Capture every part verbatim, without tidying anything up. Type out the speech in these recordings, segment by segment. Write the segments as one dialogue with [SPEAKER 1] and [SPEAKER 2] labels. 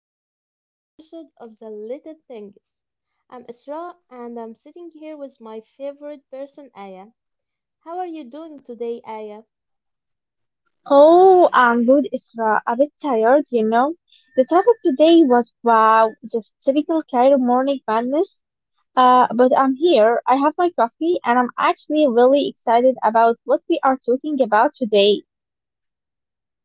[SPEAKER 1] to another episode of The Little Things. I'm Isra and I'm sitting here with my favorite person, Aya. How are you doing today, Aya?
[SPEAKER 2] Oh, I'm good, Isra. A bit tired, you know. The traffic today was wow, just typical Cairo morning madness. Uh, but I'm here. I have my coffee, and I'm actually really excited about what we are talking about today.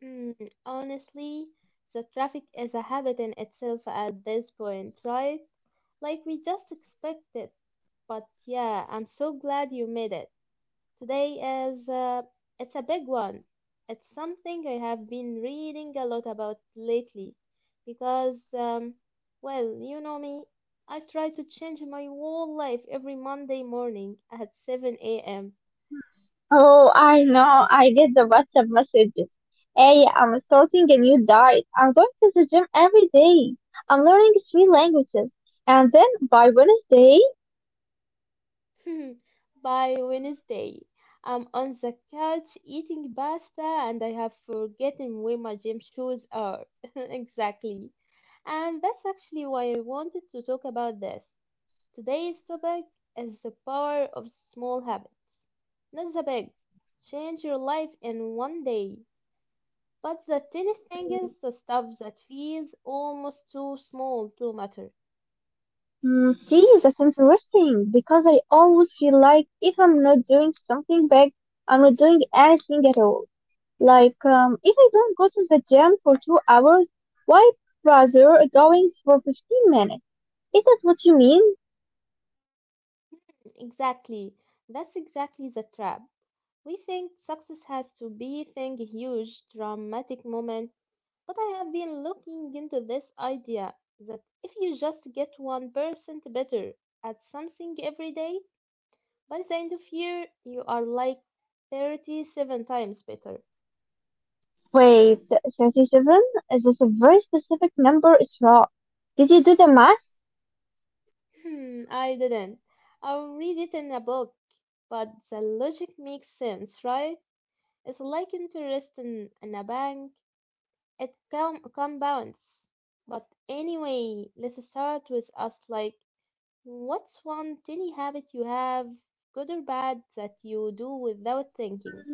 [SPEAKER 1] Hmm, honestly, the traffic is a habit in itself at this point, right? Like we just expected. But yeah, I'm so glad you made it. Today is uh, it's a big one. It's something I have been reading a lot about lately because um, well, you know me, I try to change my whole life every Monday morning at seven a m
[SPEAKER 2] Oh, I know. I get the WhatsApp messages. Hey, I'm starting a new diet. I'm going to the gym every day. I'm learning three languages, and then by Wednesday.
[SPEAKER 1] By Wednesday, I'm on the couch eating pasta and I have forgotten where my gym shoes are. Exactly. And that's actually why I wanted to talk about this. Today's topic is the power of small habits. Not the big, change your life in one day. But the tiny thing is the stuff that feels almost too small to matter.
[SPEAKER 2] Mm, see, that's interesting because I always feel like if I'm not doing something big, I'm not doing anything at all. Like, um, if I don't go to the gym for two hours, why bother going for fifteen minutes? Is that what you mean?
[SPEAKER 1] Exactly. That's exactly the trap. We think success has to be thing huge, dramatic moment. But I have been looking into this idea that if you just get one percent better at something every day, by the end of year, you are like thirty-seven times better.
[SPEAKER 2] Wait, thirty-seven? Is this a very specific number? It's wrong. Did you do the math?
[SPEAKER 1] Hmm, I didn't. I'll read it in a book, but the logic makes sense, right? It's like interest in, in a bank. It com- compounds. But anyway, let's start with us like, what's one tiny habit you have, good or bad, that you do without thinking?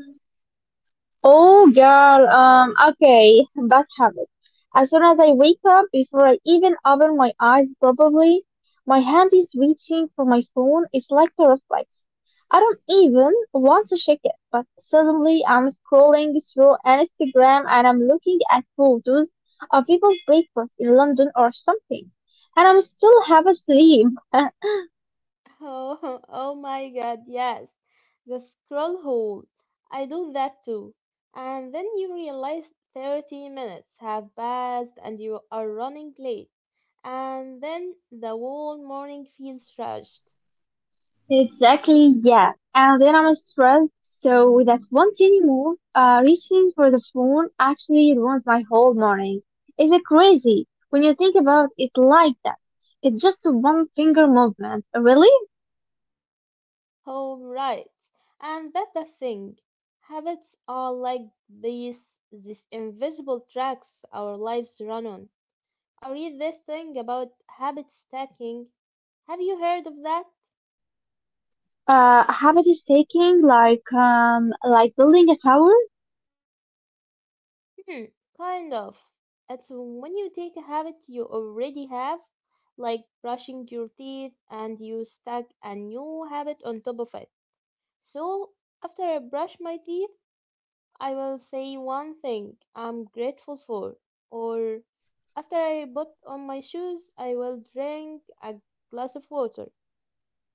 [SPEAKER 2] Oh girl, um, okay, bad habit. As soon as I wake up, before I even open my eyes probably, my hand is reaching for my phone. It's like a reflex. I don't even want to check it, but suddenly I'm scrolling through Instagram and I'm looking at photos of people's breakfast in London or something. And I'm still half asleep.
[SPEAKER 1] Oh, oh my god, yes. The scroll hole. I do that too. And then you realize thirty minutes have passed and you are running late. And then the whole morning feels rushed.
[SPEAKER 2] Exactly, yeah. And then I'm stressed, so with that one tiny move, uh, reaching for the phone actually ruins my whole morning. Is it crazy when you think about it like that? It's just a one finger movement. Really?
[SPEAKER 1] Oh, right. And that's the thing. Habits are like these, these invisible tracks our lives run on. I read this thing about habit stacking. Have you heard of that?
[SPEAKER 2] Uh, a habit is taking like, um, like building a tower?
[SPEAKER 1] Hmm, kind of. It's when you take a habit you already have, like brushing your teeth, and you stack a new habit on top of it. So, after I brush my teeth, I will say one thing I'm grateful for. Or, after I put on my shoes, I will drink a glass of water.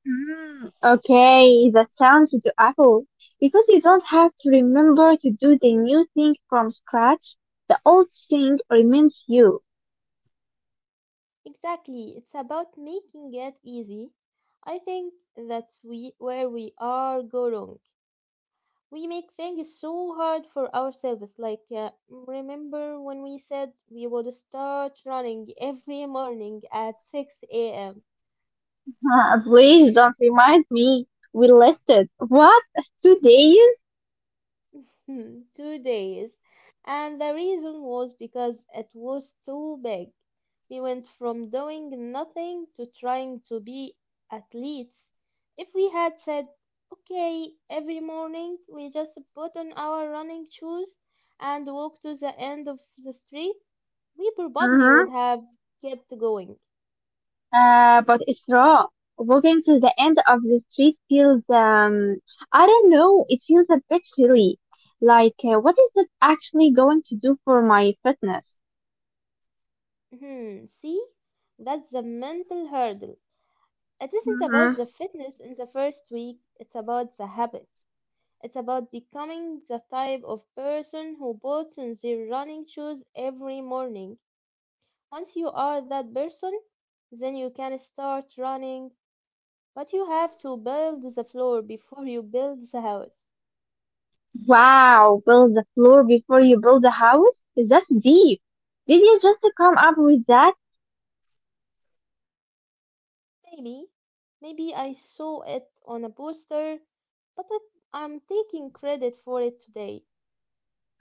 [SPEAKER 2] Mm, okay, that sounds to Apple. Because you don't have to remember to do the new thing from scratch, the old thing remains you.
[SPEAKER 1] Exactly, it's about making it easy. I think that's we, where we all go wrong. We make things so hard for ourselves. Like, uh, remember when we said we would start running every morning at six a m?
[SPEAKER 2] Uh, please don't remind me. We listed what two days.
[SPEAKER 1] Hmm, two days. And the reason was because it was too big. We went from doing nothing to trying to be athletes. If we had said, okay, every morning we just put on our running shoes and walk to the end of the street, we probably would
[SPEAKER 2] Hmm
[SPEAKER 1] have kept going.
[SPEAKER 2] Uh, but it's raw. Walking to the end of the street feels um. I don't know. It feels a bit silly. Like uh, what is it actually going to do for my fitness?
[SPEAKER 1] Hmm, see? That's the mental hurdle. It isn't about
[SPEAKER 2] Hmm
[SPEAKER 1] the fitness in the first week, it's about the habit. It's about becoming the type of person who puts on their running shoes every morning. Once you are that person, then you can start running, but you have to build the floor before you build the house.
[SPEAKER 2] Wow, build the floor before you build the house. That's deep. Did you just come up with that?
[SPEAKER 1] Maybe, maybe I saw it on a poster, but it, I'm taking credit for it today.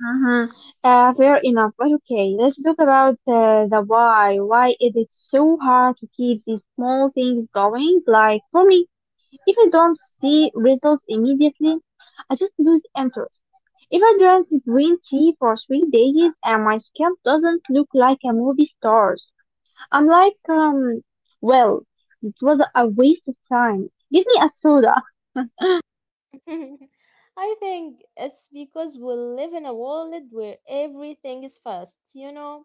[SPEAKER 2] Hmm Uh, fair enough. But okay, let's talk about uh, the why. Why is it so hard to keep these small things going? Like for me, if I don't see results immediately, I just lose interest. If I drink green tea for three days and my scalp doesn't look like a movie star's, I'm like, um, well, it was a waste of time. Give me a soda.
[SPEAKER 1] I think it's because we live in a world where everything is fast, you know?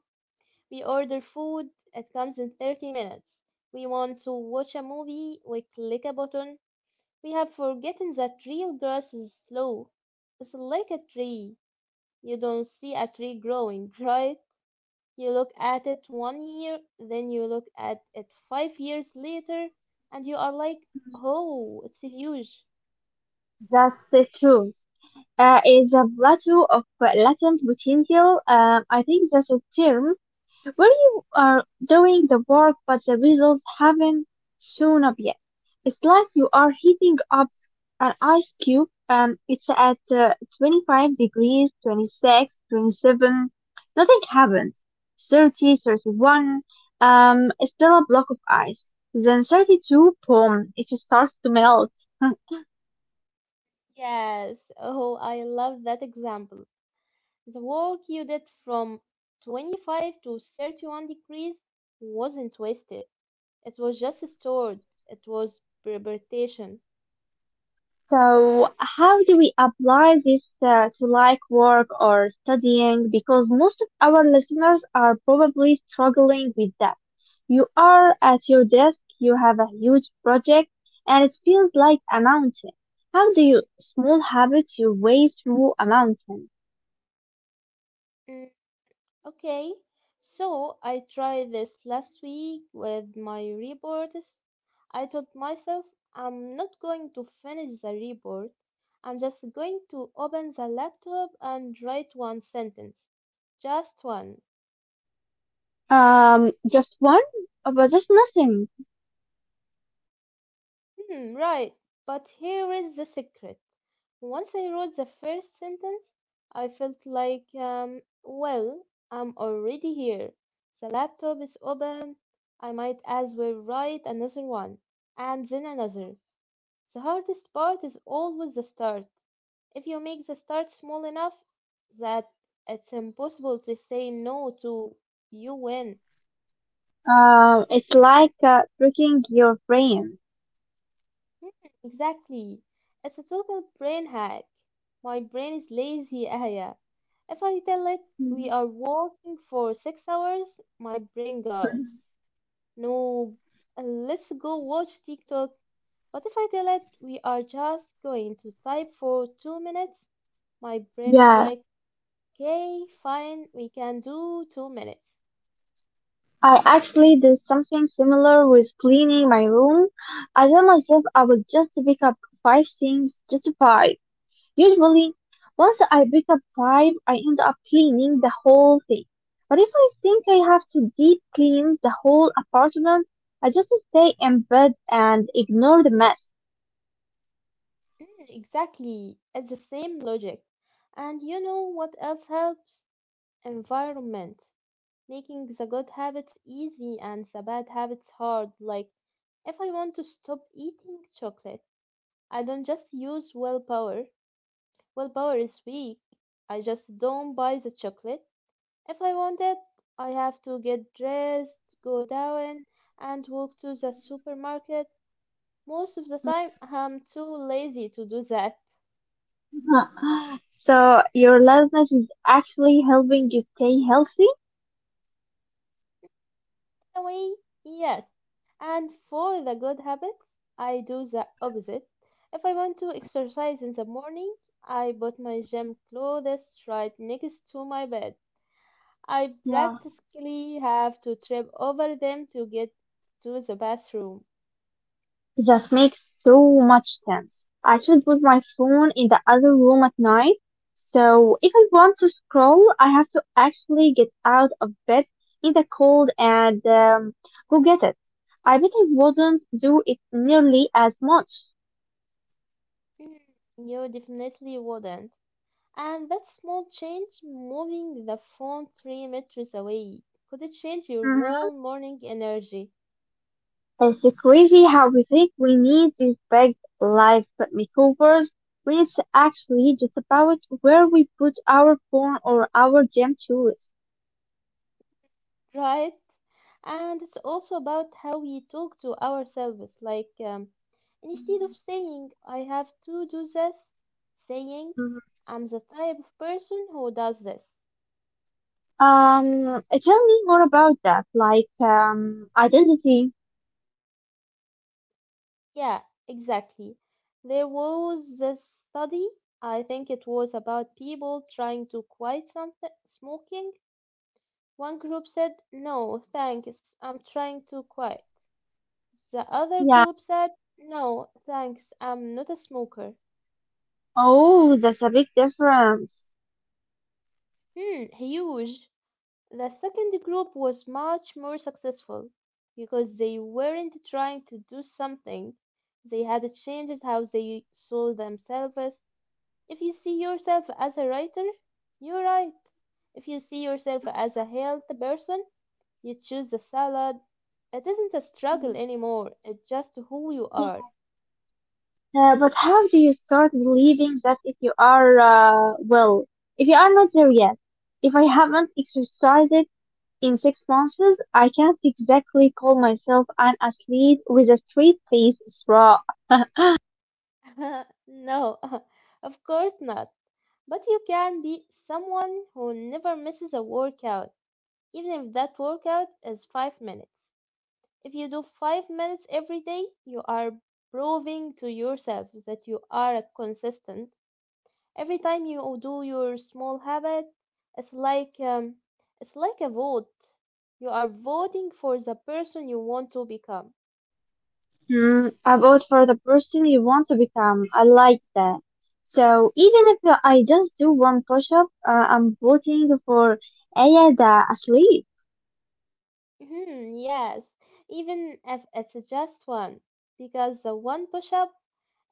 [SPEAKER 1] We order food, it comes in thirty minutes. We want to watch a movie, we click a button. We have forgotten that real grass is slow. It's like a tree. You don't see a tree growing, right? You look at it one year, then you look at it five years later, and you are like, oh, it's huge.
[SPEAKER 2] That's the truth. Uh, is a plateau of uh, latent potential. Um, I think that's a term where you are doing the work, but the results haven't shown up yet. It's like you are heating up an ice cube. Um, it's at uh, twenty-five degrees, twenty-six, twenty-seven. Nothing happens. thirty, thirty-one. Um, it's still a block of ice. Then thirty-two, boom, it starts to melt.
[SPEAKER 1] Yes, oh, I love that example. The work you did from twenty-five to thirty-one degrees wasn't wasted, it was just stored, it was preparation.
[SPEAKER 2] So, how do we apply this uh, to like work or studying? Because most of our listeners are probably struggling with that. You are at your desk, you have a huge project, and it feels like a mountain. How do you small habits your way through a mountain?
[SPEAKER 1] Okay, so I tried this last week with my reports. I told myself I'm not going to finish the report. I'm just going to open the laptop and write one sentence. Just one.
[SPEAKER 2] Um, just one. Uh, but that's nothing.
[SPEAKER 1] Hmm, right. But here is the secret. Once I wrote the first sentence, I felt like, um, well, I'm already here. The laptop is open. I might as well write another one, and then another. The hardest part is always the start. If you make the start small enough that it's impossible to say no to, you win.
[SPEAKER 2] Um, it's like uh, tricking your brain.
[SPEAKER 1] Hmm, exactly. It's a total brain hack. My brain is lazy, Aya. If I tell it we
[SPEAKER 2] Mm.
[SPEAKER 1] are walking for six hours, my brain goes, no, let's go watch TikTok. But if I tell it we are just going to type for two minutes, my brain is
[SPEAKER 2] Yes.
[SPEAKER 1] like, okay, fine, we can do two minutes.
[SPEAKER 2] I actually did something similar with cleaning my room. I told myself I would just pick up five things, just five. Usually, once I pick up five, I end up cleaning the whole thing. But if I think I have to deep clean the whole apartment, I just stay in bed and ignore the mess.
[SPEAKER 1] Mm, exactly, it's the same logic. And you know what else helps? Environment. Making the good habits easy and the bad habits hard, like if I want to stop eating chocolate, I don't just use willpower. Willpower is weak. I just don't buy the chocolate. If I want it, I have to get dressed, go down, and walk to the supermarket. Most of the time,
[SPEAKER 2] Mhm.
[SPEAKER 1] I'm too lazy to do that.
[SPEAKER 2] Huh. So your laziness is actually helping you stay healthy?
[SPEAKER 1] In a way, yes. And for the good habits, I do the
[SPEAKER 2] Mhm.
[SPEAKER 1] opposite. If I want to
[SPEAKER 2] Mhm.
[SPEAKER 1] exercise in the morning, I put my gym clothes right next to my bed. I
[SPEAKER 2] Yeah.
[SPEAKER 1] practically have to trip over them to get to the bathroom.
[SPEAKER 2] That makes so much sense. I should put my phone in the other room at night. So if I want to scroll, I have to actually get out of bed in the cold and um, go get it. I bet I wouldn't do it nearly as much.
[SPEAKER 1] Mm, you definitely wouldn't. And that small change, moving the phone three meters away, could it change your whole
[SPEAKER 2] Mhm.
[SPEAKER 1] morning energy,
[SPEAKER 2] It's crazy how we think we need these big life makeovers when it's actually just about where we put our phone or our gym tools.
[SPEAKER 1] right? And it's also about how we talk to ourselves. Like, um, instead of saying, I have to do this, saying, I'm the type of person who does this.
[SPEAKER 2] Um, tell me more about that, like um, identity.
[SPEAKER 1] Yeah, exactly. There was this study, I think it was about people trying to quit something smoking. One group said, "No, thanks, I'm trying to quit." The other group
[SPEAKER 2] Yeah.
[SPEAKER 1] said, "No, thanks, I'm not a smoker."
[SPEAKER 2] Oh, that's a big difference.
[SPEAKER 1] Hmm, huge. The second group was much more successful because they weren't trying to do something. They had changed how they saw themselves. If you see yourself as a writer, you write. If you see yourself as a healthy person, you choose the salad. It isn't a struggle
[SPEAKER 2] Mm,
[SPEAKER 1] anymore, it's just who you
[SPEAKER 2] yeah.
[SPEAKER 1] are.
[SPEAKER 2] Uh, but how do you start believing that if you are, uh, well, if you are not there yet, if I haven't exercised it in six months, I can't exactly call myself an athlete with a straight face.
[SPEAKER 1] No, of course not. But you can be someone who never misses a workout, even if that workout is five minutes. If you do five minutes every day, you are proving to yourself that you are consistent. Every time you do your small habit, it's like um, it's like a vote. You are voting for the person you want to become.
[SPEAKER 2] Mm, I vote for the person you want to become. I like that. So even if I just do one push-up, uh, I'm voting for Aya the athlete.
[SPEAKER 1] Hmm, yes, even if it's just one, because the one push-up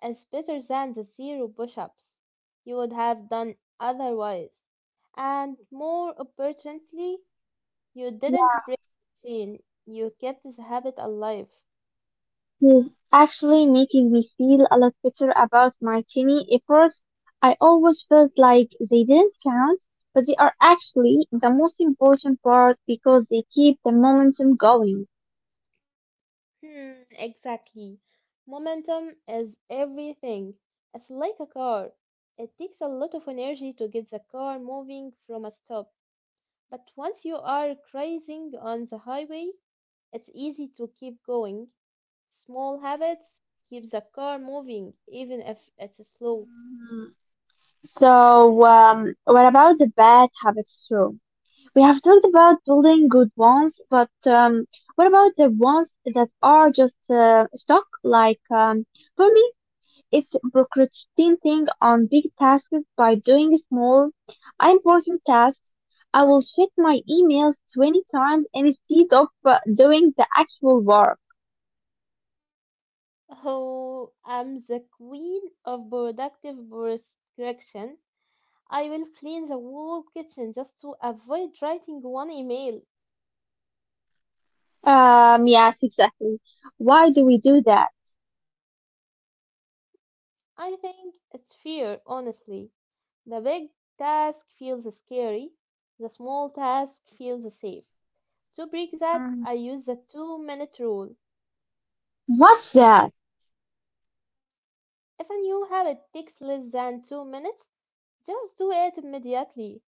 [SPEAKER 1] is better than the zero push-ups you would have done otherwise. And more importantly, you didn't
[SPEAKER 2] Yeah,
[SPEAKER 1] break the chain. You kept the habit alive.
[SPEAKER 2] he's actually making me feel a lot better about my tiny efforts. I always felt like they didn't count, but they are actually the most important part because they keep the momentum going.
[SPEAKER 1] Hmm, exactly. Momentum is everything. It's like a car. It takes a lot of energy to get the car moving from a stop, but once you are cruising on the highway, it's easy to keep going. Small habits keep the car moving, even if it's slow.
[SPEAKER 2] Mm, so, um, what about the bad habits too? We have talked about building good ones, but um, what about the ones that are just uh, stuck? Like um, for me, it's procrastinating on big tasks by doing small, unimportant tasks. I will check my emails twenty times instead of uh, doing the actual work.
[SPEAKER 1] Oh, I'm the queen of productive prescription. I will clean the whole kitchen just to avoid writing one email.
[SPEAKER 2] Um, yes, exactly. Why do we do that?
[SPEAKER 1] I think it's fear, honestly. The big task feels scary, the small task feels safe. To break that, I
[SPEAKER 2] Hmm
[SPEAKER 1] use the two minute rule.
[SPEAKER 2] What's that?
[SPEAKER 1] If a new habit takes less than two minutes, just do it immediately.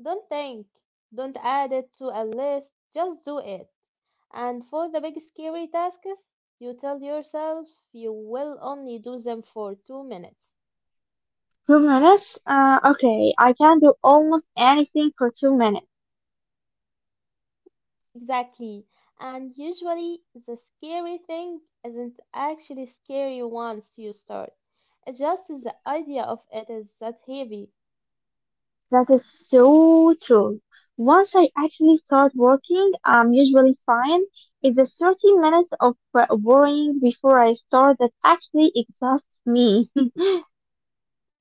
[SPEAKER 1] Don't think, don't add it to a list, just do it. And for the big scary tasks, you tell yourself you will only do them for two minutes.
[SPEAKER 2] Two minutes? Uh, okay, I can do almost anything for two minutes.
[SPEAKER 1] Exactly. And usually, the scary thing isn't actually scary once you start. It's just the
[SPEAKER 2] Mhm.
[SPEAKER 1] idea of it is that heavy.
[SPEAKER 2] That is so true. Once I actually start working, I'm usually fine. It's the thirty minutes of uh, worrying before I start that actually exhausts me.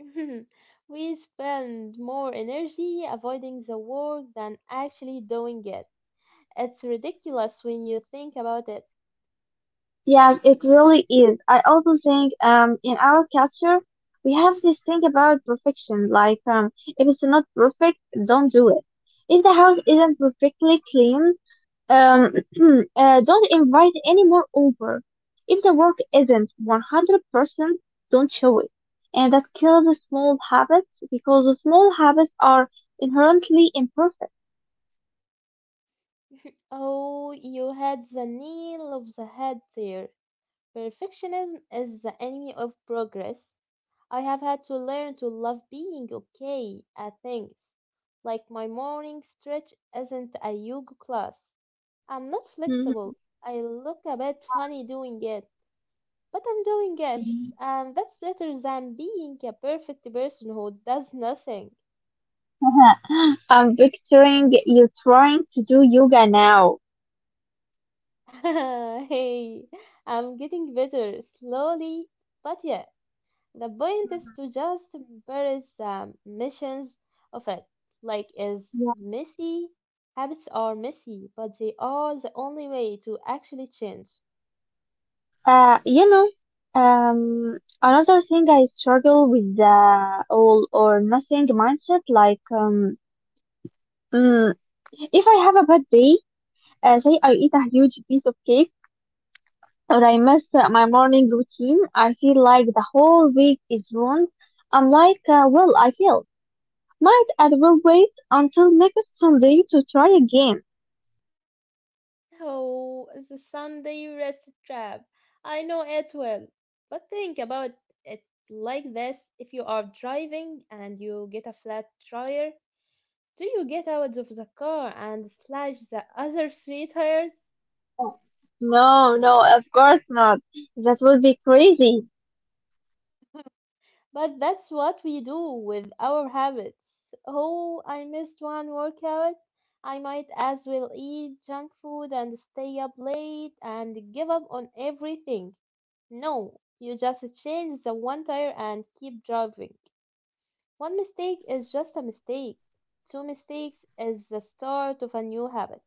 [SPEAKER 1] We spend more energy avoiding the work than actually doing it. It's ridiculous when you think about it.
[SPEAKER 2] Yeah, it really is. I also think um, in our culture, we have this thing about perfection. Like, um, if it's not perfect, don't do it. If the house isn't perfectly clean, Um, uh, don't invite any more over. If the work isn't one hundred percent, don't show it. And that kills the small habits because the small habits are inherently imperfect.
[SPEAKER 1] Oh, you had the nail of the head there. Perfectionism is the enemy of progress. I have had to learn to love being okay at things. Like my morning stretch isn't a yoga class. I'm not flexible.
[SPEAKER 2] Mhm.
[SPEAKER 1] I look a bit
[SPEAKER 2] Yeah.
[SPEAKER 1] funny doing it, but I'm doing it. And that's better than being a perfect person who does nothing.
[SPEAKER 2] I'm picturing you trying to do yoga now.
[SPEAKER 1] Hey, I'm getting better slowly, but yeah. The point is
[SPEAKER 2] Mhm.
[SPEAKER 1] to just embrace the missions of it. Like is
[SPEAKER 2] Yeah.
[SPEAKER 1] messy. Habits are messy, but they are the only way to actually change.
[SPEAKER 2] Uh, you know, um, another thing I struggle with the all or nothing mindset, like, um, mm, if I have a bad day, Uh, say I eat a huge piece of cake or I miss uh, my morning routine, I feel like the whole week is ruined. I'm like, uh, well, I failed. Might as well wait until next Sunday to try again.
[SPEAKER 1] Oh, the Sunday rest trap. I know it well. But think about it like this. If you are driving and you get a flat tire, do you get out of the car and slash the other three tires?
[SPEAKER 2] Oh, no, no, of course not. That would be crazy.
[SPEAKER 1] But that's what we do with our habits. Oh, I missed one workout. I might as well eat junk food and stay up late and give up on everything. No, you just change the one tire and keep driving. One mistake is just a mistake. Two mistakes is the start of a new habit.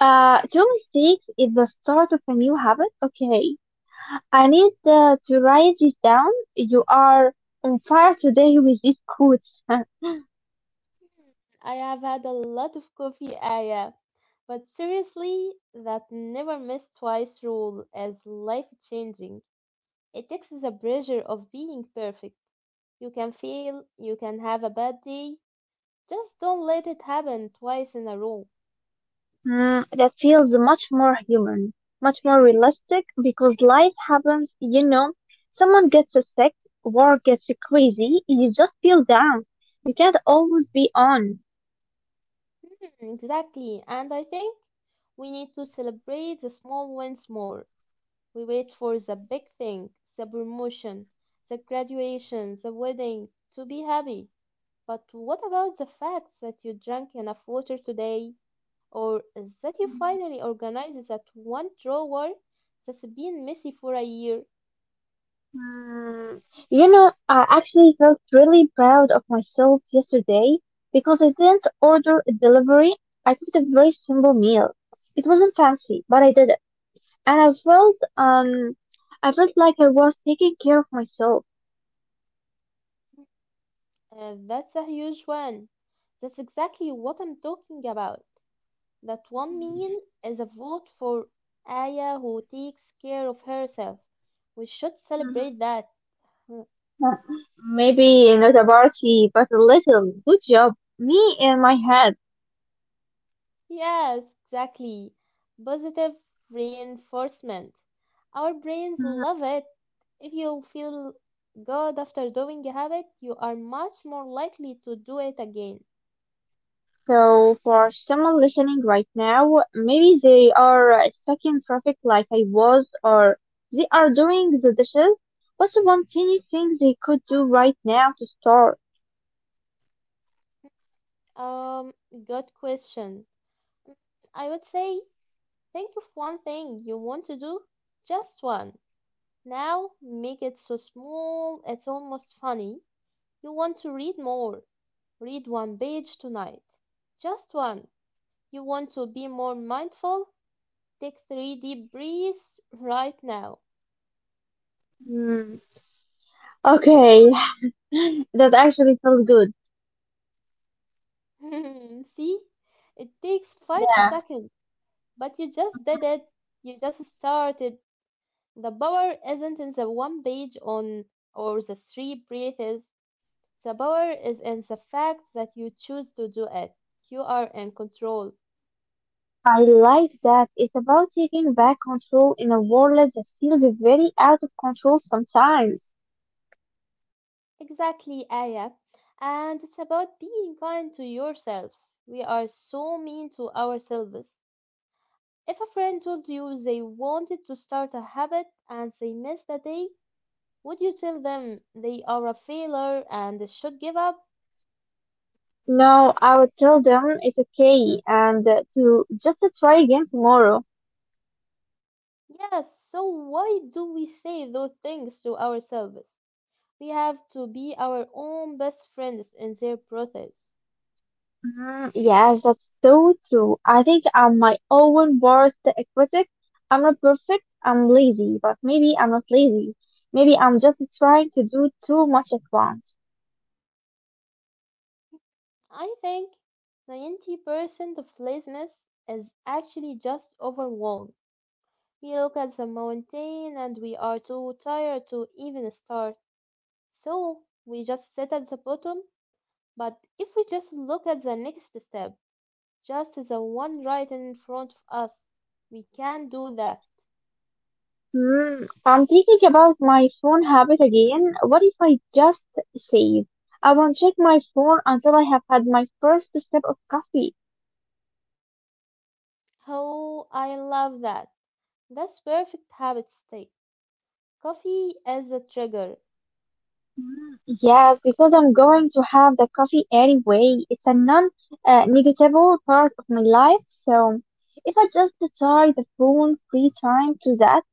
[SPEAKER 2] Uh, two mistakes is the start of a new habit. Okay, I need uh, to write this down. You are on fire today with these quotes.
[SPEAKER 1] I have had a lot of coffee, Aya, but seriously, that never miss twice rule is life changing. It takes the pressure of being perfect. You can fail, you can have a bad day. Just don't let it happen twice in a row.
[SPEAKER 2] Mm, that feels much more human, much more realistic because life happens, you know. Someone gets sick, work gets crazy, you just feel down. You can't always be on.
[SPEAKER 1] Mm, exactly, and I think we need to celebrate the small wins more. We wait for the big thing, the promotion, the graduation, the wedding to be happy. But what about the fact that you drank enough water today? Or that you finally organized that one drawer that's been messy for a year?
[SPEAKER 2] Mm, you know, I actually felt really proud of myself yesterday because I didn't order a delivery. I cooked a very simple meal. It wasn't fancy, but I did it. And I felt, um, I felt like I was taking care of myself.
[SPEAKER 1] Uh, that's a huge one. That's exactly what I'm talking about. That one meal is a vote for Aya who takes care of herself. We should
[SPEAKER 2] Mm-hmm.
[SPEAKER 1] celebrate that.
[SPEAKER 2] Maybe not a party, but a little. Good job. Me in my head.
[SPEAKER 1] Yes, exactly. Positive reinforcement. Our brains
[SPEAKER 2] Mhm.
[SPEAKER 1] love it. If you feel good after doing a habit, you are much more likely to do it again.
[SPEAKER 2] So, for someone listening right now, maybe they are uh, stuck in traffic like I was, or they are doing the dishes. What's one tiny thing they could do right now to start?
[SPEAKER 1] Um, Good question. I would say think of one thing you want to do, just one. Now make it so small it's almost funny. You want to read more. Read one page tonight. Just one. You want to be more mindful. Take three deep breaths right now.
[SPEAKER 2] Mm. Okay, that actually felt good.
[SPEAKER 1] See? It takes five
[SPEAKER 2] Yeah.
[SPEAKER 1] seconds, but you just did it.
[SPEAKER 2] Mhm.
[SPEAKER 1] You just started. The power isn't in the one page on or the three breathes. The power is
[SPEAKER 2] Yeah,
[SPEAKER 1] in the fact that you choose to do it. You are in control.
[SPEAKER 2] I like that. It's about taking back control in a world that feels very out of control sometimes.
[SPEAKER 1] Exactly, Aya. And it's about being kind to yourself. We are so mean to ourselves. If a friend told you they wanted to start a habit and they missed a day, would you tell them they are a failure and should give up?
[SPEAKER 2] No, I would tell them it's okay and uh, to just to try again tomorrow.
[SPEAKER 1] Yes, so why do we say those things to ourselves? We have to be our own best friends in their process.
[SPEAKER 2] Mm, yes, that's so true. I think I'm my own worst critic. I'm not perfect. I'm lazy, but maybe I'm not lazy. Maybe I'm just trying to do too much at once.
[SPEAKER 1] I think ninety percent of laziness is actually just overwhelm. We look at the mountain and we are too tired to even start, so we just sit at the bottom. But if we just look at the next step, just the one right in front of us, we can do that.
[SPEAKER 2] Hmm, I'm thinking about my phone habit again. What if I just say, I won't check my phone until I have had my first sip of coffee?
[SPEAKER 1] Oh, I love that. That's perfect habit state. Coffee is the trigger.
[SPEAKER 2] Hmm, yes, because I'm going to have the coffee anyway. It's a non uh, negotiable part of my life. So if I just tie the phone free time to that,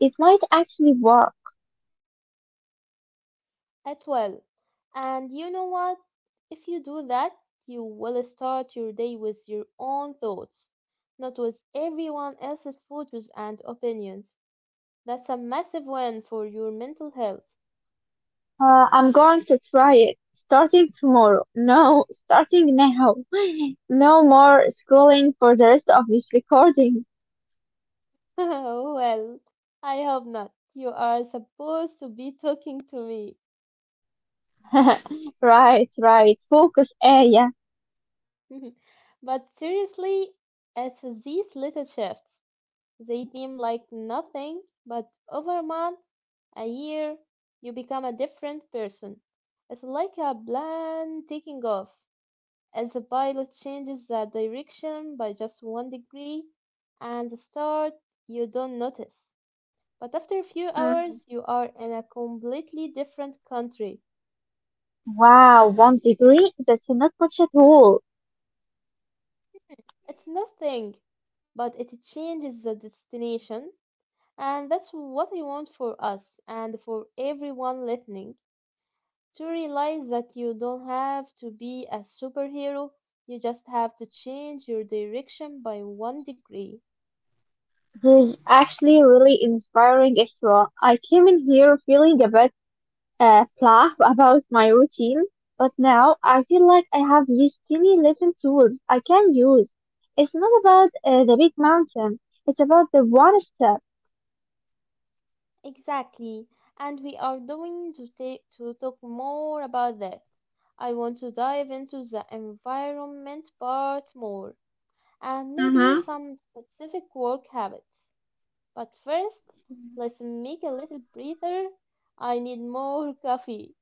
[SPEAKER 2] it might actually work.
[SPEAKER 1] At well. And you know what? If you do that, you will start your day with your own thoughts, not with everyone else's photos and opinions. That's a massive win for your mental health.
[SPEAKER 2] Uh, I'm going to try it. Starting tomorrow. No, starting now. No more scrolling for the rest of this recording.
[SPEAKER 1] Well, I hope not. You are supposed to be talking to me.
[SPEAKER 2] Right, right. Focus area.
[SPEAKER 1] But seriously, it's these little shifts. They seem like nothing, but over month a year, you become a different person. It's like a plane taking off, as the pilot changes the direction by just one degree, and the start you don't notice. But after a few
[SPEAKER 2] Mhm.
[SPEAKER 1] hours, you are in a completely different country.
[SPEAKER 2] Wow, one degree? That's not much at all.
[SPEAKER 1] It's nothing, but it changes the destination, and that's what I want for us and for everyone listening, to realize that you don't have to be a superhero, you just have to change your direction by one degree.
[SPEAKER 2] This is actually really inspiring, Isra. I came in here feeling a bit uh, blah about my routine, but now I feel like I have these tiny little tools I can use. It's not about uh, the big mountain, it's about the one step.
[SPEAKER 1] Exactly, and we are going to take to talk more about that. I want to dive into the environment part more and maybe
[SPEAKER 2] Mm-hmm.
[SPEAKER 1] some specific work habits. But first, let's make a little breather. I need more coffee.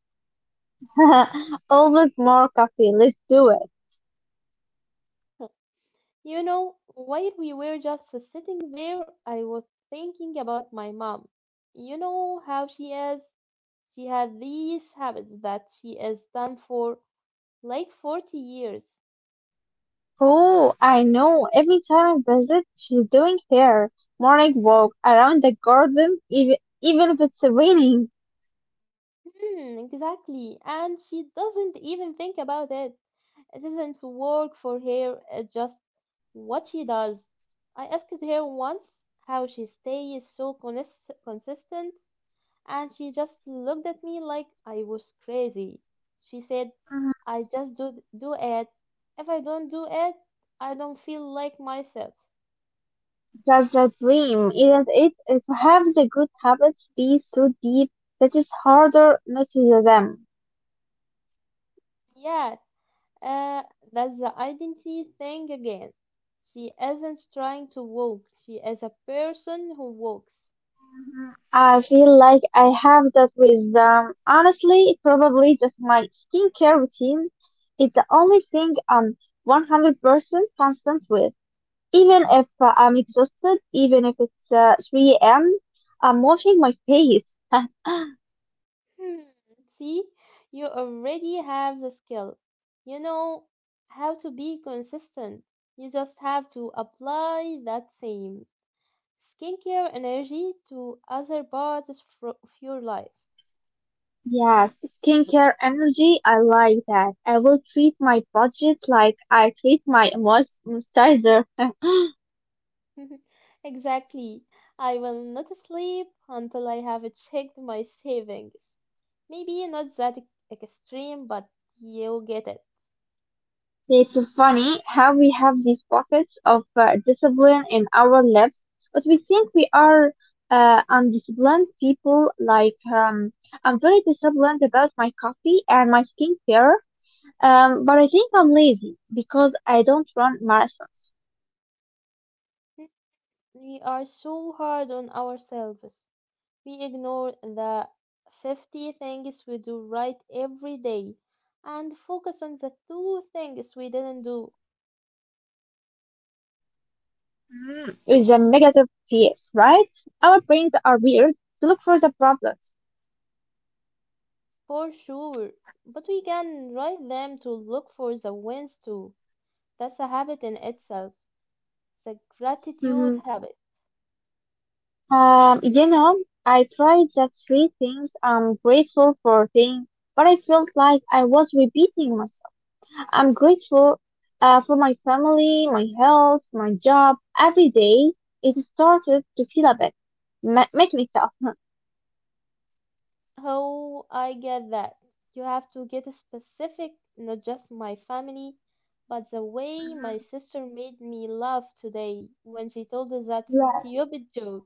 [SPEAKER 2] Always more coffee, let's do it.
[SPEAKER 1] You know, while we were just sitting there, I was thinking about my mom. You know how she is? She had these habits that she has done for like forty years.
[SPEAKER 2] Oh, I know, every time I visit, she's doing her morning walk around the garden, even, even if it's raining.
[SPEAKER 1] Hmm, exactly. And she doesn't even think about it. It isn't work for her, it's just what she does. I asked her once how she stays so cons- consistent, and she just looked at me like I was crazy. She said, I just do, do it. If I don't do it, I don't feel like myself.
[SPEAKER 2] That's the dream, isn't it? Is to have the good habits be so deep that it's harder not to do them.
[SPEAKER 1] Yeah, uh, that's the identity thing again. She isn't trying to walk, she is a person who walks.
[SPEAKER 2] Mhm. I feel like I have that with, um, honestly, it's probably just my skincare routine. It's the only thing I'm one hundred percent constant with. Even if uh, I'm exhausted, even if it's uh, three a m, I'm washing my face.
[SPEAKER 1] Hmm, see, you already have the skill. You know how to be consistent. You just have to apply that same skincare energy to other parts of fro- of your life.
[SPEAKER 2] Yes, skincare energy, I like that. I will treat my budget like I treat my moist- moisturizer.
[SPEAKER 1] Exactly. I will not sleep until I have checked my savings. Maybe not that ex- extreme, but you get it.
[SPEAKER 2] It's funny how we have these pockets of uh, discipline in our lives, but we think we are uh, undisciplined people. Like, um, I'm very disciplined about my coffee and my skincare, um, but I think I'm lazy because I don't run marathons.
[SPEAKER 1] We are so hard on ourselves. We ignore the fifty things we do right every day and focus on the two things we didn't do
[SPEAKER 2] Mm, with the negative piece, right? Our brains are weird to look for the problems.
[SPEAKER 1] for sure. But we can write them to look for the wins too. That's a habit in itself. The
[SPEAKER 2] Mhm.
[SPEAKER 1] gratitude habit.
[SPEAKER 2] Um, you know, I tried that three things I'm grateful for thing, but I felt like I was repeating myself. I'm grateful uh, for my family, my health, my job. Every day, it started to feel a bit me- make me tough.
[SPEAKER 1] Oh, I get that. You have to get specific, not just my family, but the way my sister made me laugh today when she told us that stupid joke,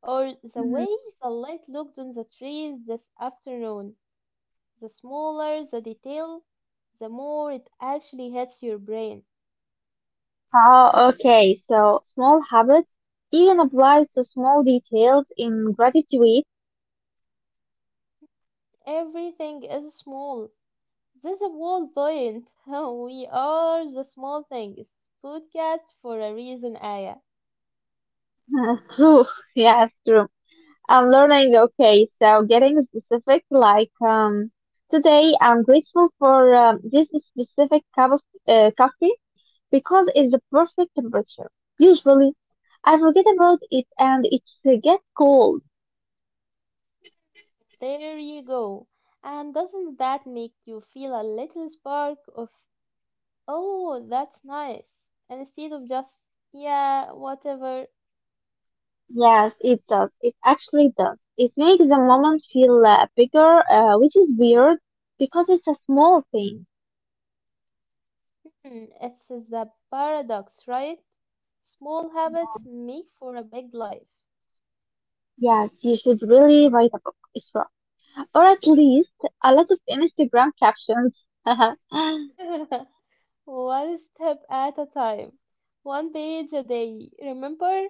[SPEAKER 1] or the
[SPEAKER 2] Yeah.
[SPEAKER 1] way the light looked on the trees this afternoon. The smaller the detail, the more it actually hits your brain.
[SPEAKER 2] Oh, okay. So small habits even applies to small details in gratitude.
[SPEAKER 1] Everything is small. That's a bold point. We are the small things podcast for a reason, Aya.
[SPEAKER 2] True. Yes, true. I'm learning. Okay. So getting specific, like, um, today I'm grateful for um, this specific cup of uh, coffee because it's the perfect temperature. Usually I forget about it and it's uh, get cold.
[SPEAKER 1] There you go. And doesn't that make you feel a little spark of, oh, that's nice, instead of just, yeah, whatever?
[SPEAKER 2] Yes, it does. It actually does. It makes the moment feel uh, bigger, uh, which is weird because it's a small thing.
[SPEAKER 1] Hmm, it's the paradox, right? Small habits
[SPEAKER 2] Yeah.
[SPEAKER 1] make for a big life.
[SPEAKER 2] Yes, you should really write a book, Isra. Or at least a lot of Instagram captions.
[SPEAKER 1] One step at a time, one page a day. Remember?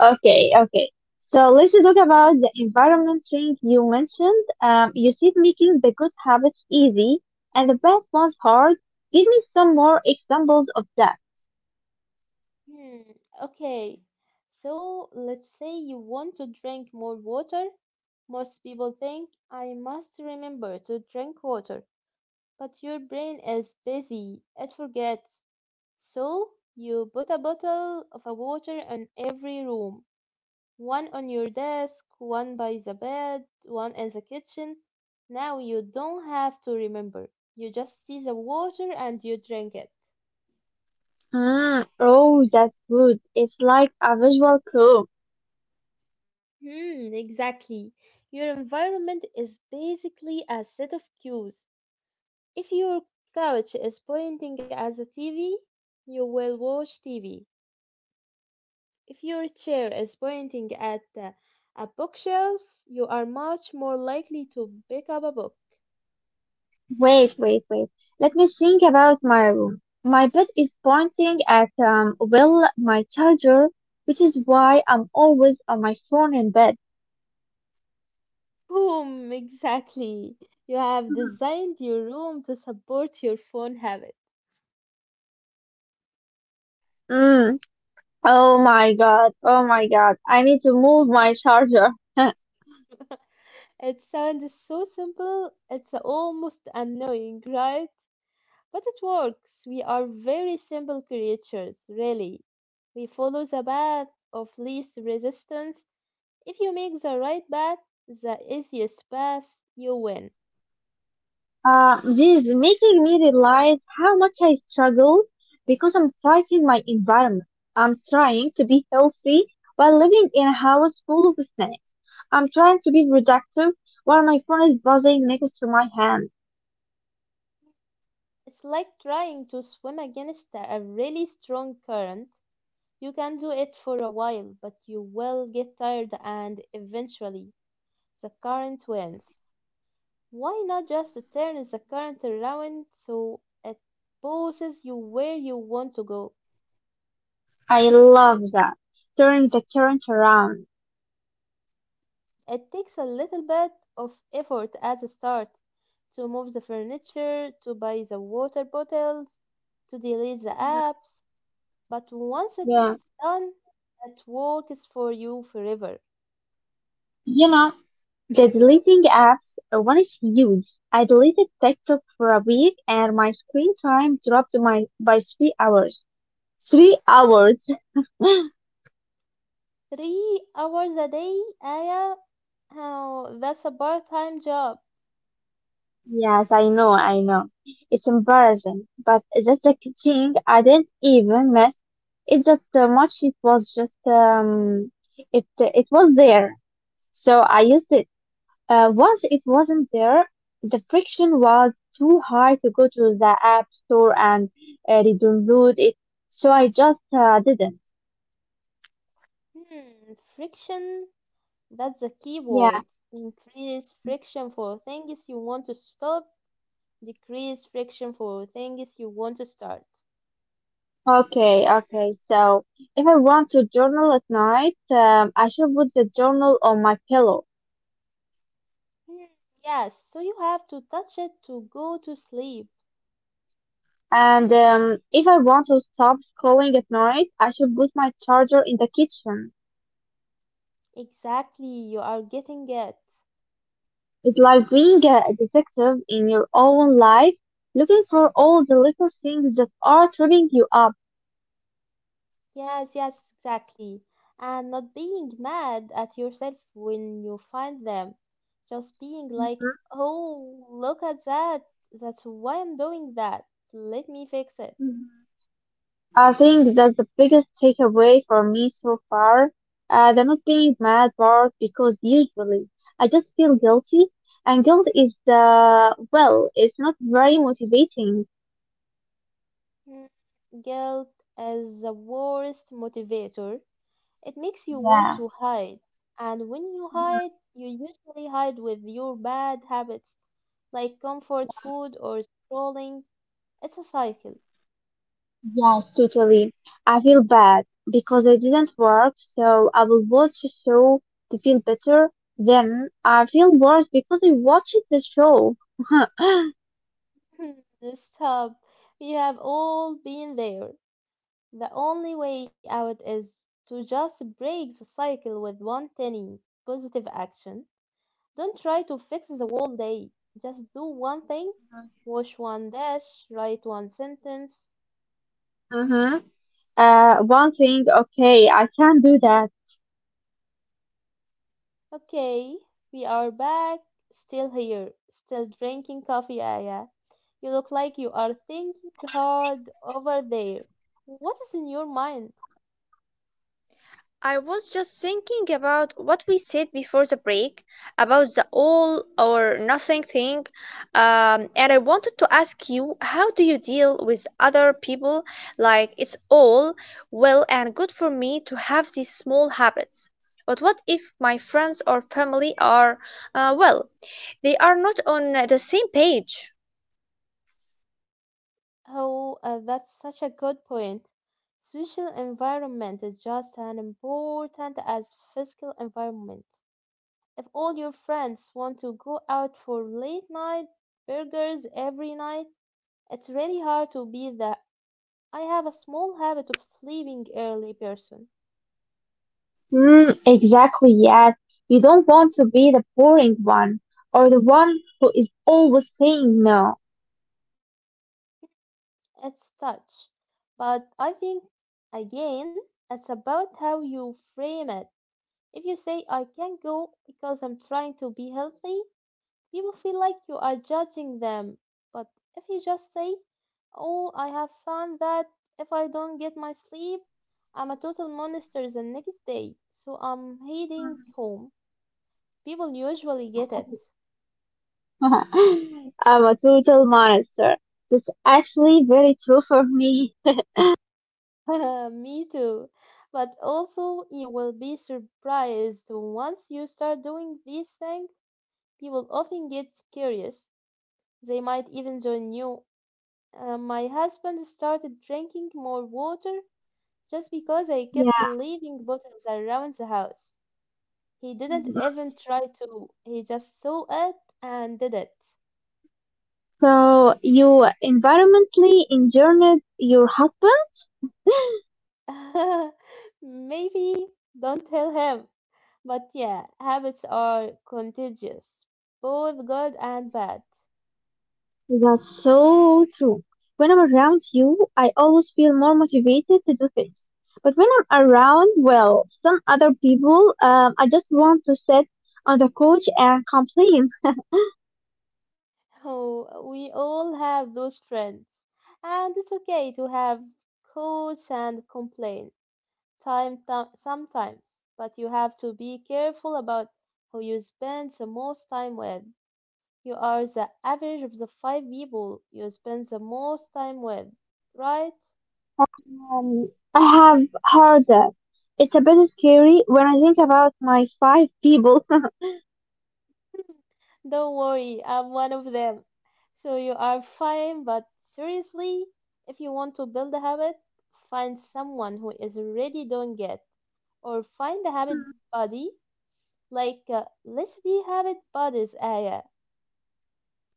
[SPEAKER 2] Okay, okay. So let's talk about the environment thing you mentioned. Um, you said making the good habits easy and the bad ones hard. Give me some more examples of that.
[SPEAKER 1] Hmm, okay. So let's say you want to drink more water. Most people think I must remember to drink water, but your brain is busy. It forgets. So you put a bottle of a water in every room. One on your desk, one by the bed, one in the kitchen. Now you don't have to remember. You just see the water and you drink it.
[SPEAKER 2] Ah, oh, that's good. It's like a visual clue.
[SPEAKER 1] Hmm, exactly. Your environment is basically a set of cues. If your couch is pointing at the T V, you will watch T V. If your chair is pointing at uh, a bookshelf, you are much more likely to pick up a book.
[SPEAKER 2] Wait, wait, wait. Let me think about my room. My bed is pointing at, um, well, my charger, which is why I'm always on my phone in bed.
[SPEAKER 1] Boom, exactly. You have designed your room to support your phone habit.
[SPEAKER 2] Mm. Oh my God. Oh my God. I need to move my charger.
[SPEAKER 1] It sounds so simple, it's almost annoying, right? But it works. We are very simple creatures, really. We follow the path of least resistance. If you make the right path, the easiest path, you win.
[SPEAKER 2] Uh, this is making me realize how much I struggle because I'm fighting my environment. I'm trying to be healthy while living in a house full of snakes. I'm trying to be productive while my phone is buzzing next to my hand.
[SPEAKER 1] It's like trying to swim against a really strong current. You can do it for a while, but you will get tired and eventually the current wins. Why not just turn the current around so it poses you where you want to go?
[SPEAKER 2] I love that. Turning the current around.
[SPEAKER 1] It takes a little bit of effort at the start to move the furniture, to buy the water bottles, to delete the
[SPEAKER 2] Mhm.
[SPEAKER 1] apps, but once it's
[SPEAKER 2] Yeah.
[SPEAKER 1] done, it works for you forever.
[SPEAKER 2] You know, the deleting apps uh, one is huge. I deleted TikTok for a week and my screen time dropped my by three hours. Three hours.
[SPEAKER 1] Three hours a day, Aya? Oh, that's a part-time job.
[SPEAKER 2] Yes, I know, I know. It's embarrassing, but that's the thing. I didn't even miss it that uh, much. It was just um, it it was there, so I used it. Uh, once it wasn't there, the friction was too high to go to the app store and uh, download it. So I just uh, didn't.
[SPEAKER 1] Hmm, friction, that's the key
[SPEAKER 2] Yeah.
[SPEAKER 1] word. Increase friction for things you want to stop, decrease friction for things you want to start.
[SPEAKER 2] Okay. Okay. So if I want to journal at night, um, I should put the journal on my pillow.
[SPEAKER 1] Hmm, yes, so you have to touch it to go to sleep.
[SPEAKER 2] And um, if I want to stop scrolling at night, I should put my charger in the kitchen.
[SPEAKER 1] Exactly, you are getting it.
[SPEAKER 2] It's like being a a detective in your own life, looking for all the little things that are tripping you up.
[SPEAKER 1] Yes, yes, exactly. And not being mad at yourself when you find them. Just being like,
[SPEAKER 2] Mhm,
[SPEAKER 1] oh, look at that. That's why I'm doing that. Let me fix it.
[SPEAKER 2] mhm. I think that's the biggest takeaway for me so far. Uh, the not being mad part, because usually I just feel guilty, and guilt is, uh, well, it's not very motivating.
[SPEAKER 1] Hmm, guilt is the worst motivator. It makes you want
[SPEAKER 2] Yeah.
[SPEAKER 1] to hide. And when you hide,
[SPEAKER 2] Mhm.
[SPEAKER 1] you usually hide with your bad habits like comfort
[SPEAKER 2] Yeah.
[SPEAKER 1] food or scrolling. It's a cycle.
[SPEAKER 2] Yes, totally. I feel bad because I didn't work, so I will watch a show to feel better. Then I feel worse because I watched the show.
[SPEAKER 1] This hub, we have all been there. The only way out is to just break the cycle with one tiny positive action. Don't try to fix the whole day. Just do one thing, wash one dash, write one sentence.
[SPEAKER 2] Mm-hmm. Uh, one thing, okay, I can do that.
[SPEAKER 1] Okay, we are back, still here, still drinking coffee, Aya. You look like you are
[SPEAKER 2] Are things
[SPEAKER 1] thinking
[SPEAKER 2] hard
[SPEAKER 1] hard over
[SPEAKER 2] over there?
[SPEAKER 1] there. What
[SPEAKER 2] What's
[SPEAKER 1] is
[SPEAKER 2] in
[SPEAKER 1] in your
[SPEAKER 2] your mind?
[SPEAKER 1] mind?
[SPEAKER 2] I was just thinking about what we said before the break about the all or nothing thing, um, and I wanted to ask you how do you deal with other people? Like, it's all well and good for me to have these small habits. But what if my friends or family are, uh, well, they are not on the same page?
[SPEAKER 1] Oh, uh, that's such a good point. Social environment is just as important as physical environment. If all your friends want to go out for late night burgers every night, it's really hard to be the I have a small habit of sleeping early person.
[SPEAKER 2] Mm, exactly, yes. You don't want to be the boring one or the one who is always saying no.
[SPEAKER 1] It's touch. But I think, again, it's about how you frame it. If you say, I can't go because I'm trying to be healthy, people feel like you are judging them. But if you just say, oh, I have found that if I don't get my sleep, I'm a total monster the next day, so I'm heading home, people usually get it.
[SPEAKER 2] I'm a total monster. That's actually very true for me.
[SPEAKER 1] Me too. But also, you will be surprised once you start doing these things, people often get curious. They might even join you. Uh, my husband started drinking more water just because I kept
[SPEAKER 2] Yeah.
[SPEAKER 1] leaving bottles around the house. He didn't even
[SPEAKER 2] Mhm.
[SPEAKER 1] try to, he just saw it and did it.
[SPEAKER 2] So you environmentally injured your husband?
[SPEAKER 1] Maybe don't tell him. But yeah, habits are contagious, both good and bad.
[SPEAKER 2] That's so true. When I'm around you, I always feel more motivated to do things. But when I'm around, well, some other people, um, I just want to sit on the couch and complain.
[SPEAKER 1] Oh, we all have those friends, and it's okay to have coach and complain time th- sometimes, but you have to be careful about who you spend the most time with. You are the average of the five people you spend the most time with, right?
[SPEAKER 2] Um, I have heard that. It's a bit scary when I think about my five people.
[SPEAKER 1] Don't worry, I'm one of them. So you are fine, but seriously, if you want to build a habit, find someone who is already doing it, or find a habit buddy, like uh, let's be habit buddies, Aya,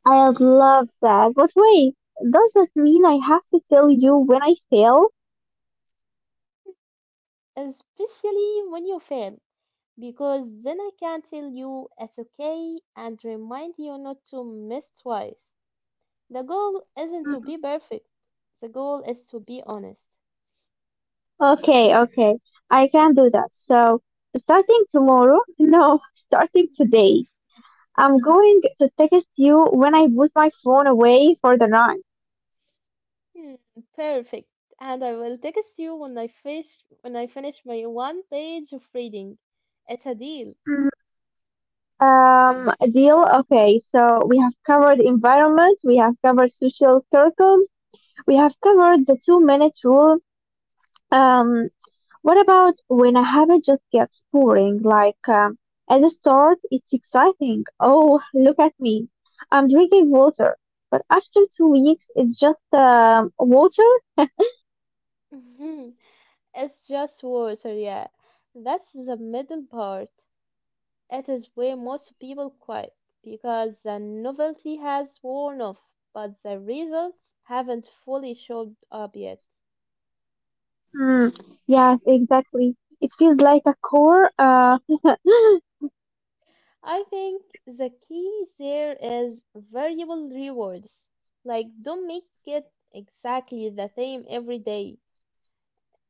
[SPEAKER 2] I love that. But wait, does that mean I have to tell you when I fail?
[SPEAKER 1] especially when you fail, because then I can tell you it's okay and remind you not to miss twice. The goal isn't to be
[SPEAKER 2] Mhm.
[SPEAKER 1] perfect, the goal is to be honest.
[SPEAKER 2] Okay, okay. I can do that. So, starting tomorrow, no, starting today, I'm going to text you when I put my phone away for the night.
[SPEAKER 1] Hmm, perfect. And I will text you when I finish when I finish my one page of reading. It's a deal.
[SPEAKER 2] Mhm. Um, deal. Okay, so we have covered environment, we have covered social circles, we have covered the two minute rule. Um, what about when a habit just gets boring? Like um, at the start, it's exciting. Oh, look at me. I'm drinking water. But after two weeks, it's just um, water?
[SPEAKER 1] It's just water, yeah. That's the middle part. It is where most people quit because the novelty has worn off, but the results haven't fully showed up yet.
[SPEAKER 2] Hmm. Yes, exactly. It feels like a core. Uh,
[SPEAKER 1] I think the key there is variable rewards. Like, don't make it exactly the same every day.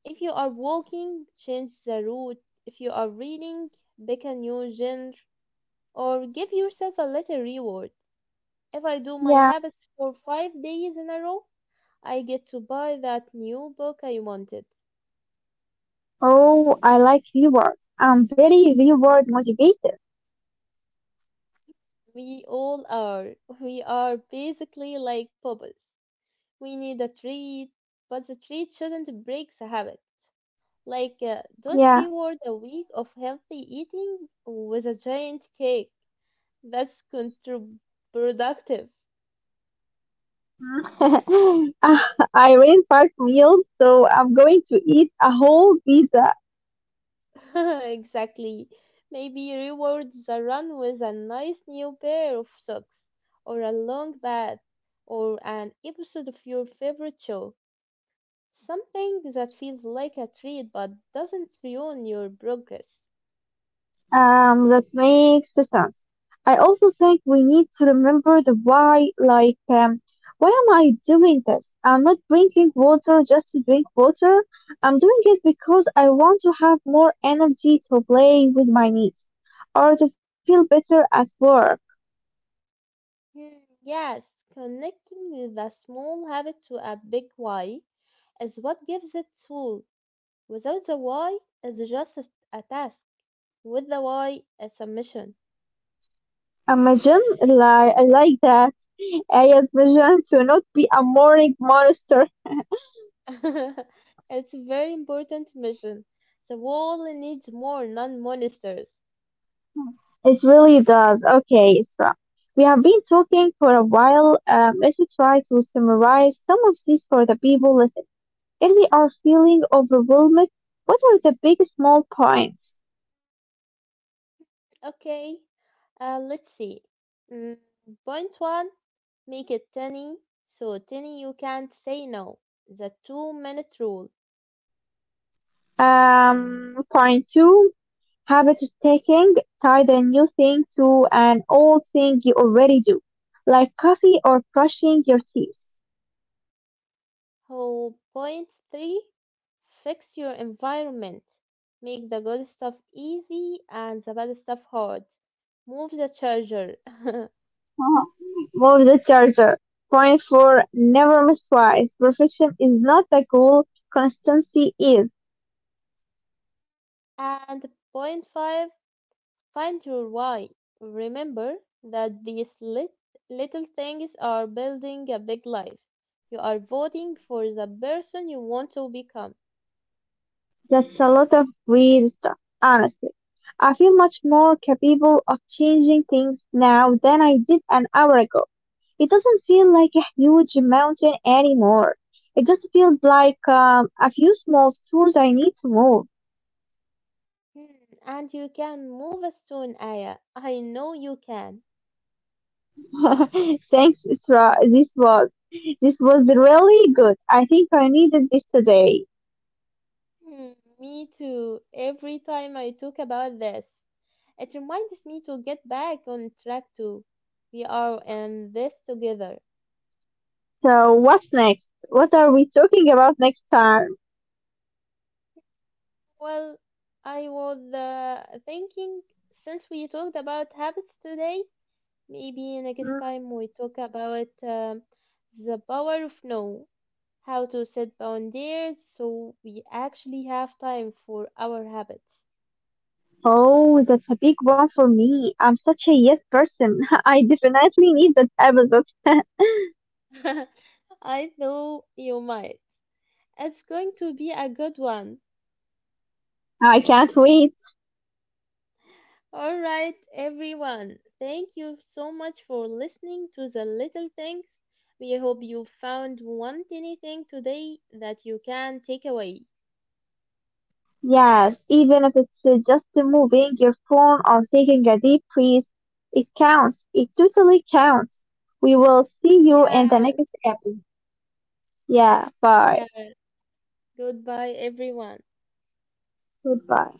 [SPEAKER 1] If you are walking, change the route. If you are reading, pick a new genre or give yourself a little reward. If I do my
[SPEAKER 2] yeah.
[SPEAKER 1] habits for five days in a row, I get to buy that new book I wanted.
[SPEAKER 2] Oh, I like rewards. I'm very reward motivated.
[SPEAKER 1] We all are. We are basically like bubbles. We need a treat, but the treat shouldn't break the habit.
[SPEAKER 2] Yeah.
[SPEAKER 1] Like, uh, don't reward a week of healthy eating with a giant cake. That's counterproductive.
[SPEAKER 2] Uh, I ran fast meals, so I'm going to eat a whole pizza.
[SPEAKER 1] Exactly. Maybe reward the run with a nice new pair of socks, or a long bath, or an episode of your favorite show. Something that feels like a treat but doesn't ruin your progress.
[SPEAKER 2] Um, that makes sense. I also think we need to remember the why, like, um, why am I doing this? I'm not drinking water just to drink water. I'm doing it because I want to have more energy to play with my niece or to feel better at work.
[SPEAKER 1] Hmm, yes, connecting the small habit to a big why is what gives it soul. Without the why, it's just a a task. With the why, it's a mission.
[SPEAKER 2] Imagine, like, I like that. I imagine to not be a morning monster.
[SPEAKER 1] It's a very important mission. The world needs more non monsters.
[SPEAKER 2] It really does. Okay, Isra. We have been talking for a while. Um, let's try to summarize some of these for the people listening. If they are feeling overwhelmed, what are the big small points?
[SPEAKER 1] Okay, uh, let's see. Mm, point one, make it tiny. So tiny you can't say no. The two minute rule.
[SPEAKER 2] Um, point two, habit taking. Tie the new thing to an old thing you already do, like coffee or brushing your teeth.
[SPEAKER 1] Oh, point three, fix your environment. Make the good stuff easy and the bad stuff hard. Move the charger.
[SPEAKER 2] Uh-huh. Move the charger. Point four, never miss twice. Perfection is not the goal, consistency is.
[SPEAKER 1] And point five, find your why. Remember that these lit- little things are building a big life. You are voting for the person you want to become.
[SPEAKER 2] That's a lot of weird stuff, honestly. I feel much more capable of changing things now than I did an hour ago. It doesn't feel like a huge mountain anymore. It just feels like um, a few small screws I need to move.
[SPEAKER 1] Hmm, and you can move as soon, Aya. I know you can.
[SPEAKER 2] Thanks, Isra. This was this was really good. I think I needed this today.
[SPEAKER 1] Hmm, me too. Every time I talk about this, it reminds me to get back on track too. We are in this together.
[SPEAKER 2] So what's next? What are we talking about next time?
[SPEAKER 1] Well, I was uh, thinking since we talked about habits today, maybe next
[SPEAKER 2] Hmm.
[SPEAKER 1] time we talk about um, the power of no, how to set boundaries so we actually have time for our habits.
[SPEAKER 2] Oh, that's a big one for me. I'm such a yes person. I definitely need that episode.
[SPEAKER 1] I know you might. It's going to be a good one.
[SPEAKER 2] I can't wait.
[SPEAKER 1] All right, everyone. Thank you so much for listening to the little things. We hope you found one tiny thing today that you can take away.
[SPEAKER 2] Yes, even if it's uh, just moving your phone or taking a deep breath, it counts. It totally counts. We will see you in the
[SPEAKER 1] Yes,
[SPEAKER 2] next episode. Yeah, bye.
[SPEAKER 1] yes. Goodbye, everyone.
[SPEAKER 2] Goodbye.